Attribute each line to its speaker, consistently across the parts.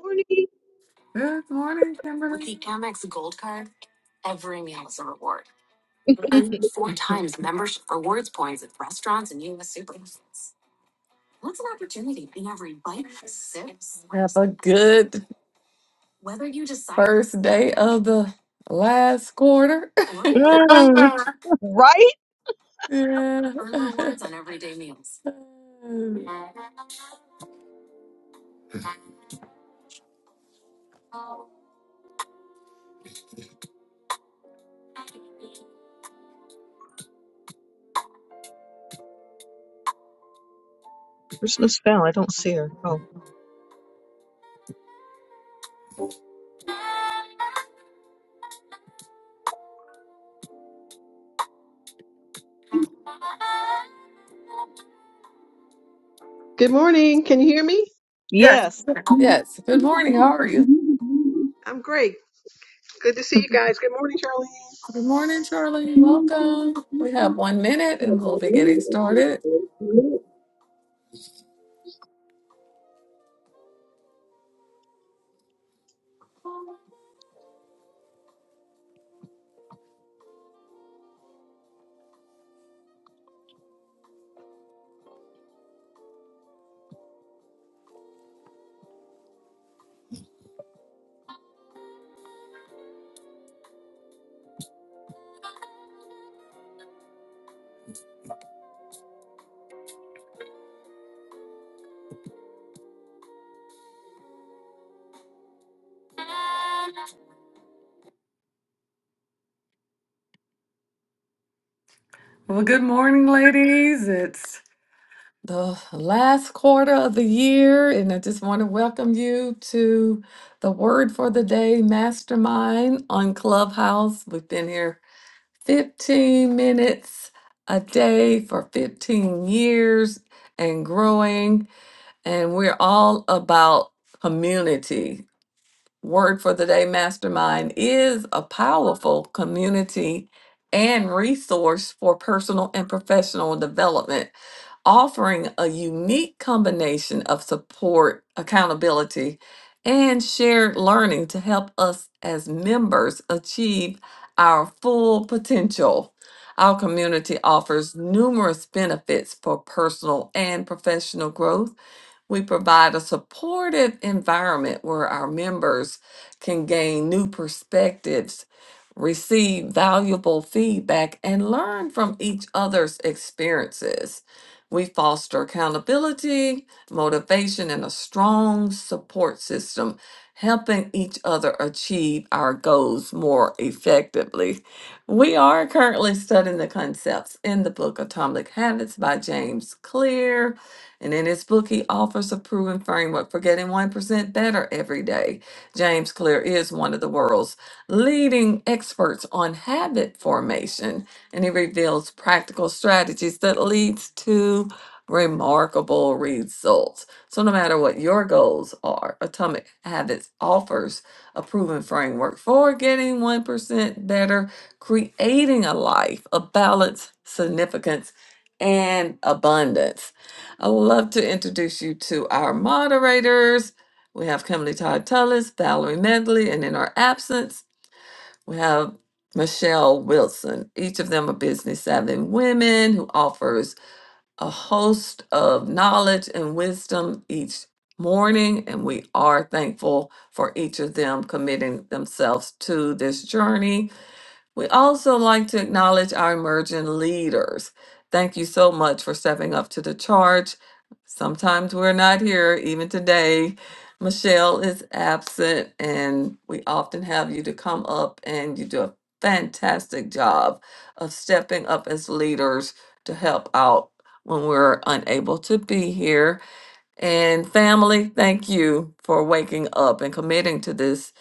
Speaker 1: morning.
Speaker 2: Good morning, Kimberly. With the Amex Gold Card, what's an opportunity in every bite sip, slice? Have a good Whether you decide first day of the last quarter. yeah.
Speaker 1: Mm, Right?
Speaker 2: Earn rewards on everyday meals.
Speaker 1: there's no spell. I don't see her. Oh,
Speaker 3: Good morning. Can you hear me?
Speaker 2: yes.
Speaker 1: Yes.
Speaker 2: Yes. Good morning. How are you?
Speaker 3: I'm great. Good to see you guys. Good morning, Charlene.
Speaker 2: Good morning, Charlie. Welcome. We have one minute and we'll be getting started. Well, good morning, ladies. It's the last quarter of the year, and I just want to welcome you to the Word for the Day Mastermind on Clubhouse. We've been here 15 minutes a day for 15 years and growing, and we're all about community. Word for the Day Mastermind is a powerful community and resource for personal and professional development offering a unique combination of support, accountability, and shared learning to help us as members achieve our full potential. Our community offers numerous benefits for personal and professional growth we provide a supportive environment where our members can gain new perspectives, receive valuable feedback, and learn from each other's experiences. We foster accountability, motivation, and a strong support system, helping each other achieve our goals more effectively. We are currently studying the concepts in the book Atomic Habits by James Clear and in his book, he offers a proven framework for getting 1% better every day. James Clear is one of the world's leading experts on habit formation, and he reveals practical strategies that leads to remarkable results. So no matter what your goals are, Atomic Habits offers a proven framework for getting 1% better, creating a life of balance, significance, and abundance. I would love to introduce you to our moderators. We have Kimberly Todd Tullis, Valerie Medley, and in our absence, we have Michelle Wilson. Each of them are business savvy women who offers a host of knowledge and wisdom each morning. And we are thankful for each of them committing themselves to this journey we also like to acknowledge our emerging leaders. Thank you so much for stepping up to the charge. Sometimes we're not here, even today. Michelle is absent, and we often have you to come up, and you do a fantastic job of stepping up as leaders to help out when we're unable to be here. And family, thank you for waking up and committing to this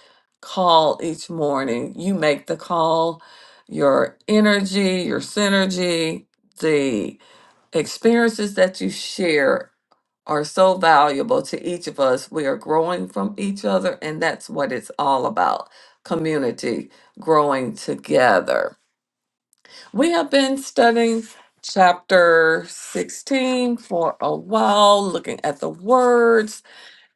Speaker 2: call each morning. You make the call, your energy, your synergy, the experiences that you share are so valuable to each of us. We are growing from each other, and that's what it's all about community, growing together. We have been studying chapter 16 for a while, looking at the words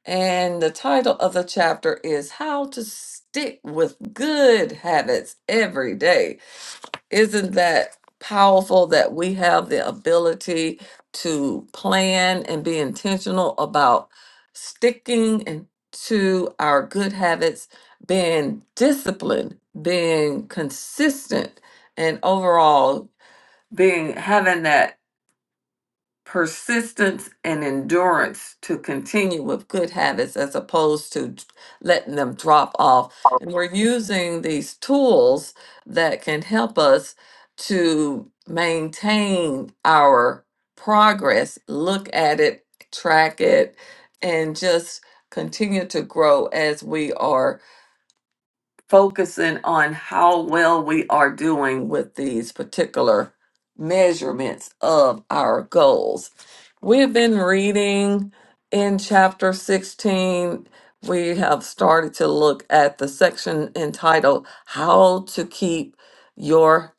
Speaker 2: and the title of the chapter is How to Stick with Good Habits Every Day. Isn't that powerful that we have the ability to plan and be intentional about sticking and to our good habits, being disciplined, being consistent, and overall being having that persistence and endurance to continue with good habits as opposed to d- letting them drop off. And we're using these tools that can help us to maintain our progress, look at it, track it, and just continue to grow as we are focusing on how well we are doing with these particular measurements of our goals. We've been reading in chapter 16. We have started to look at the section entitled How to Keep Your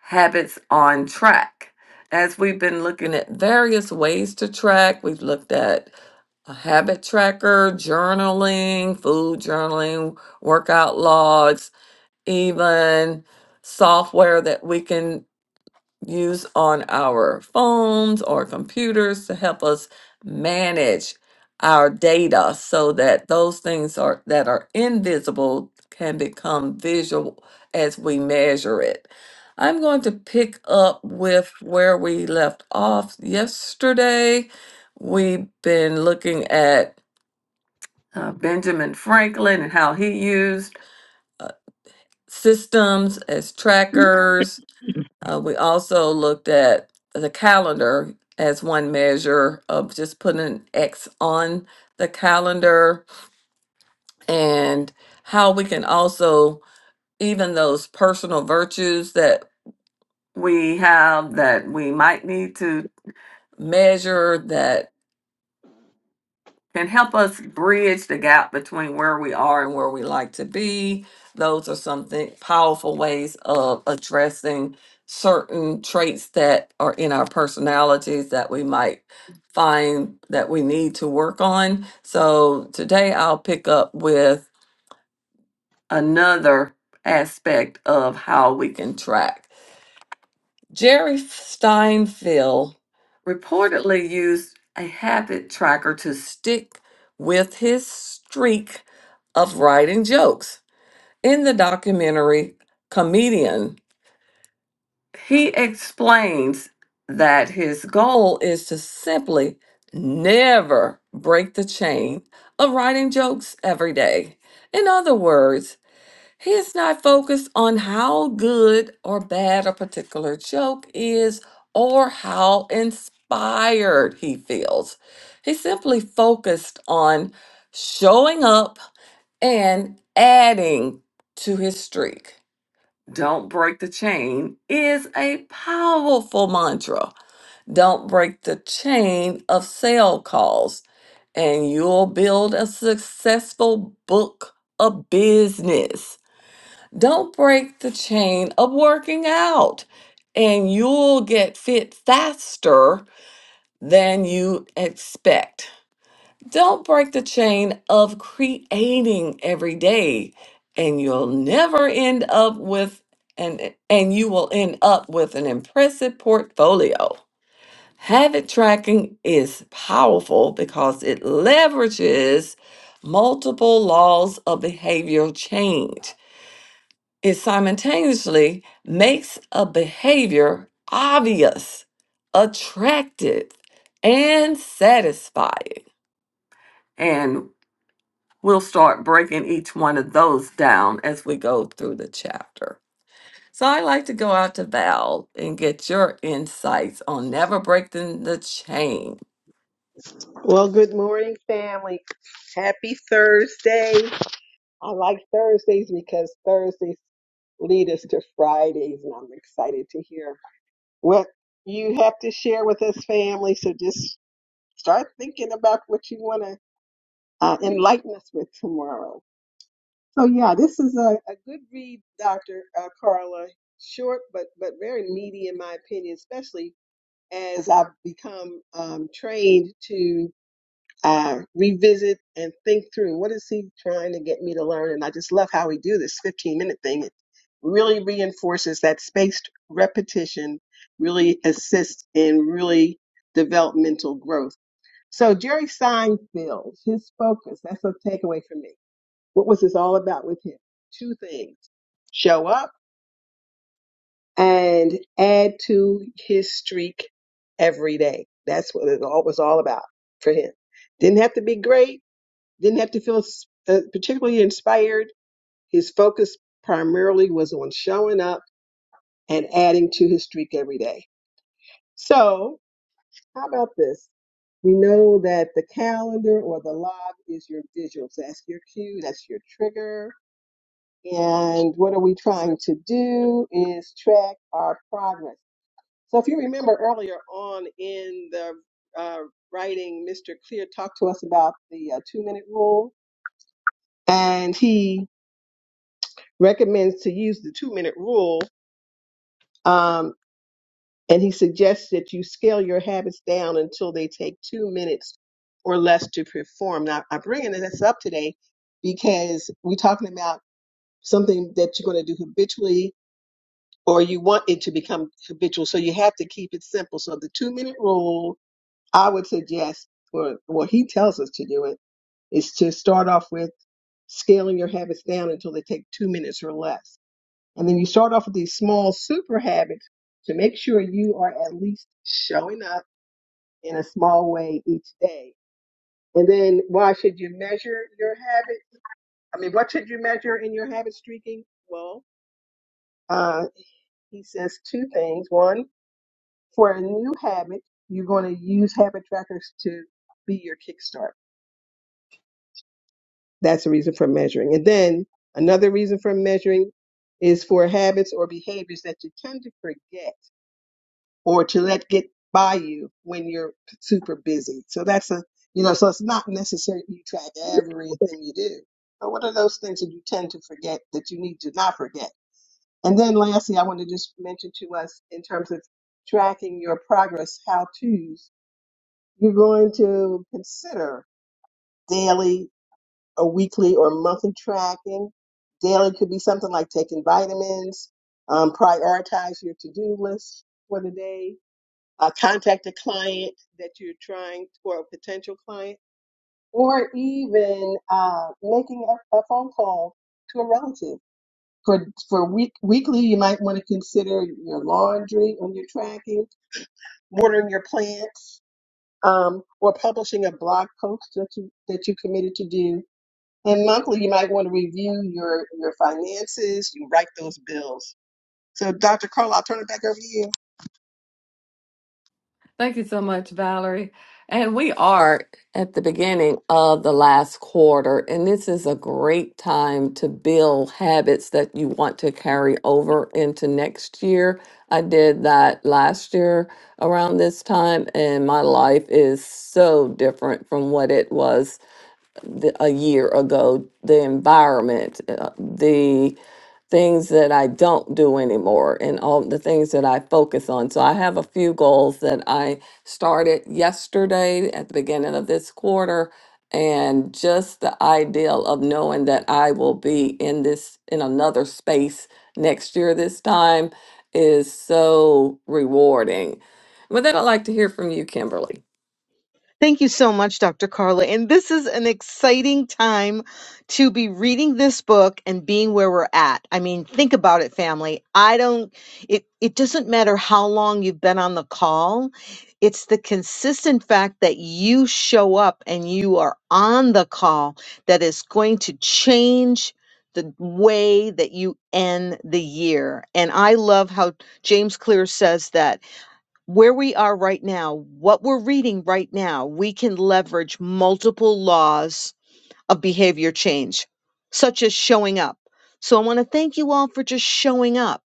Speaker 2: Habits on Track. As we've been looking at various ways to track, we've looked at a habit tracker, journaling, food journaling, workout logs even software that we can use on our phones or computers to help us manage our data so that those things are that are invisible can become visual as we measure it. I'm going to pick up with where we left off yesterday. We've been looking at uh, Benjamin Franklin and how he used systems as trackers. Uh, we also looked at the calendar as one measure of just putting an X on the calendar and how we can also, even those personal virtues that we have that we might need to measure that can help us bridge the gap between where we are and where we like to be. Those are some thi- powerful ways of addressing certain traits that are in our personalities that we might find that we need to work on. So today I'll pick up with another aspect of how we can track. Jerry Steinfeld reportedly used a habit tracker to stick with his streak of writing jokes. In the documentary Comedian, he explains that his goal is to simply never break the chain of writing jokes every day. In other words, he is not focused on how good or bad a particular joke is or how inspired he feels. He's simply focused on showing up and adding to his streak. Don't break the chain is a powerful mantra. Don't break the chain of sale calls, and you'll build a successful book of business. Don't break the chain of working out, and you'll get fit faster than you expect. Don't break the chain of creating every day, and you'll never end up with an and you will end up with an impressive portfolio. Habit tracking is powerful because it leverages multiple laws of behavioral change it simultaneously makes a behavior obvious, attractive, and satisfying. And we'll start breaking each one of those down as we go through the chapter. So I'd like to go out to Val and get your insights on never breaking the chain
Speaker 3: Well, good morning, family. Happy Thursday. I like Thursdays because Thursdays lead us to Fridays, and I'm excited to hear what you have to share with us, family. So just start thinking about what you want to uh, enlighten us with tomorrow. So yeah, this is a, a good read, Dr. Uh, Carla. Short, but but very meaty in my opinion, especially as I've become um, trained to uh, revisit and think through what is he trying to get me to learn. And I just love how we do this 15 minute thing. It really reinforces that spaced repetition really assists in really developmental growth. So Jerry Seinfeld, his focus, that's a takeaway for me what was this all about with him? Two things show up and add to his streak every day. That's what it all was all about for him. Didn't have to be great, didn't have to feel uh, particularly inspired. His focus primarily was on showing up and adding to his streak every day. So, how about this? We know that the calendar or the log is your visual. So that's your cue, that's your trigger And what are we trying to do is track our progress. So if you remember earlier on in the uh, writing, Mr. Clear talked to us about the uh, two minute rule and he recommends to use the two minute rule. Um, and he suggests that you scale your habits down until they take two minutes or less to perform. Now I'm bringing this up today because we're talking about something that you're going to do habitually or you want it to become habitual. So you have to keep it simple. So the two minute rule, I would suggest, or well, he tells us to do it, is to start off with scaling your habits down until they take two minutes or less. And then you start off with these small super habits to make sure you are at least showing up in a small way each day. And then why should you measure your habit? I mean, what should you measure in your habit streaking? Well, uh, he says two things. One, for a new habit, you're going to use habit trackers to be your kickstart. That's a reason for measuring. And then another reason for measuring is for habits or behaviors that you tend to forget or to let get by you when you're super busy. So that's a, you know, so it's not necessary you track everything you do. But what are those things that you tend to forget that you need to not forget? And then lastly, I want to just mention to us in terms of tracking your progress, how to's You're going to consider daily or weekly or monthly tracking. Daily could be something like taking vitamins, um, prioritize your to-do list for the day, uh, contact a client that you're trying or a potential client, or even uh, making a, a phone call to a relative. For for week weekly, you might want to consider your laundry when you're tracking, watering your plants, um, or publishing a blog post that you that you committed to do. And monthly, you might want to review your your finances. You write those bills. So, Dr. Carl, I'll turn it back over to you.
Speaker 2: Thank you so much, Valerie. And we are at the beginning of the last quarter, and this is a great time to build habits that you want to carry over into next year. I did that last year around this time, and my life is so different from what it was the, a year ago. The environment, uh, the things that I don't do anymore and all the things that I focus on. So I have a few goals that I started yesterday at the beginning of this quarter and just the ideal of knowing that I will be in this in another space next year this time is so rewarding. With that, I'd like to hear from you, Kimberly.
Speaker 1: Thank you so much, Dr. Carla. And this is an exciting time to be reading this book and being where we're at. I mean, think about it, family. I don't, it, it doesn't matter how long you've been on the call. It's the consistent fact that you show up and you are on the call that is going to change the way that you end the year. And I love how James Clear says that where we are right now, what we're reading right now, we can leverage multiple laws of behavior change, such as showing up. So I want to thank you all for just showing up.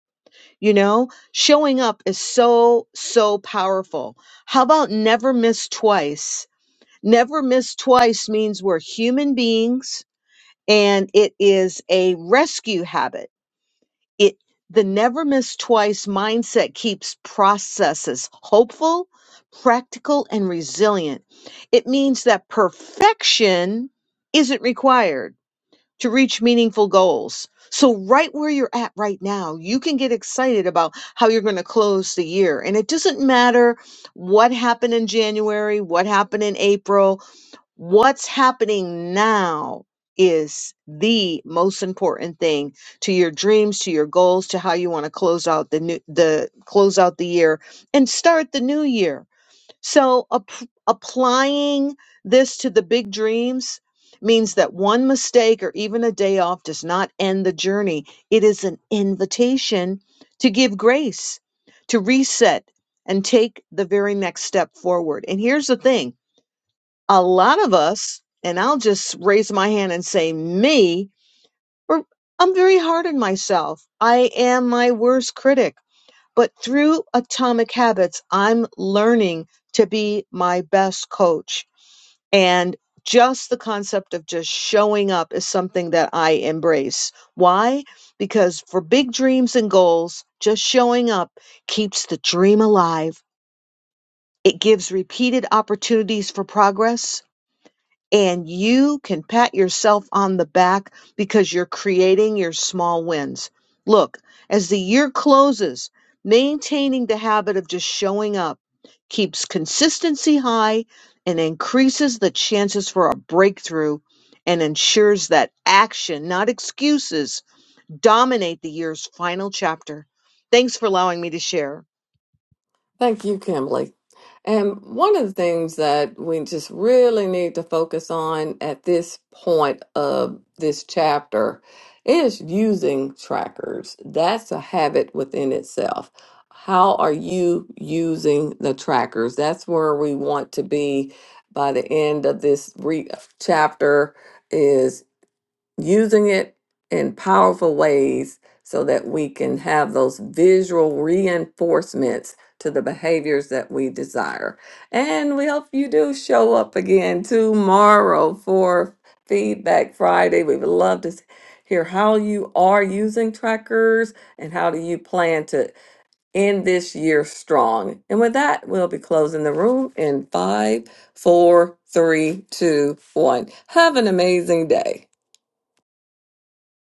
Speaker 1: You know, showing up is so, so powerful. How about never miss twice? Never miss twice means we're human beings and it is a rescue habit it the never miss twice mindset keeps processes hopeful, practical, and resilient. It means that perfection isn't required to reach meaningful goals. So, right where you're at right now, you can get excited about how you're going to close the year. And it doesn't matter what happened in January, what happened in April, What's happening now is the most important thing to your dreams, to your goals, to how you want to close out the new the close out the year and start the new year. So ap- applying this to the big dreams means that one mistake or even a day off does not end the journey. It is an invitation to give grace, to reset and take the very next step forward. And here's the thing a lot of us, and I'll just raise my hand and say me, we're, I'm very hard on myself. I am my worst critic. But through Atomic Habits, I'm learning to be my best coach. And just the concept of just showing up is something that I embrace. Why? Because for big dreams and goals, just showing up keeps the dream alive. It gives repeated opportunities for progress and you can pat yourself on the back because you're creating your small wins. Look, as the year closes, maintaining the habit of just showing up keeps consistency high and increases the chances for a breakthrough and ensures that action, not excuses, dominate the year's final chapter. Thanks for allowing me to share.
Speaker 2: Thank you, Kimberly. And one of the things that we just really need to focus on at this point of this chapter is using trackers. That's a habit within itself. How are you using the trackers? That's where we want to be by the end of this re- chapter using it in powerful ways so that we can have those visual reinforcements to the behaviors that we desire. And we hope you do show up again tomorrow for Feedback Friday. We would love to s- hear how you are using trackers and how do you plan to end this year strong. And with that, we'll be closing the room in five, four, three, two, one. Have an amazing day.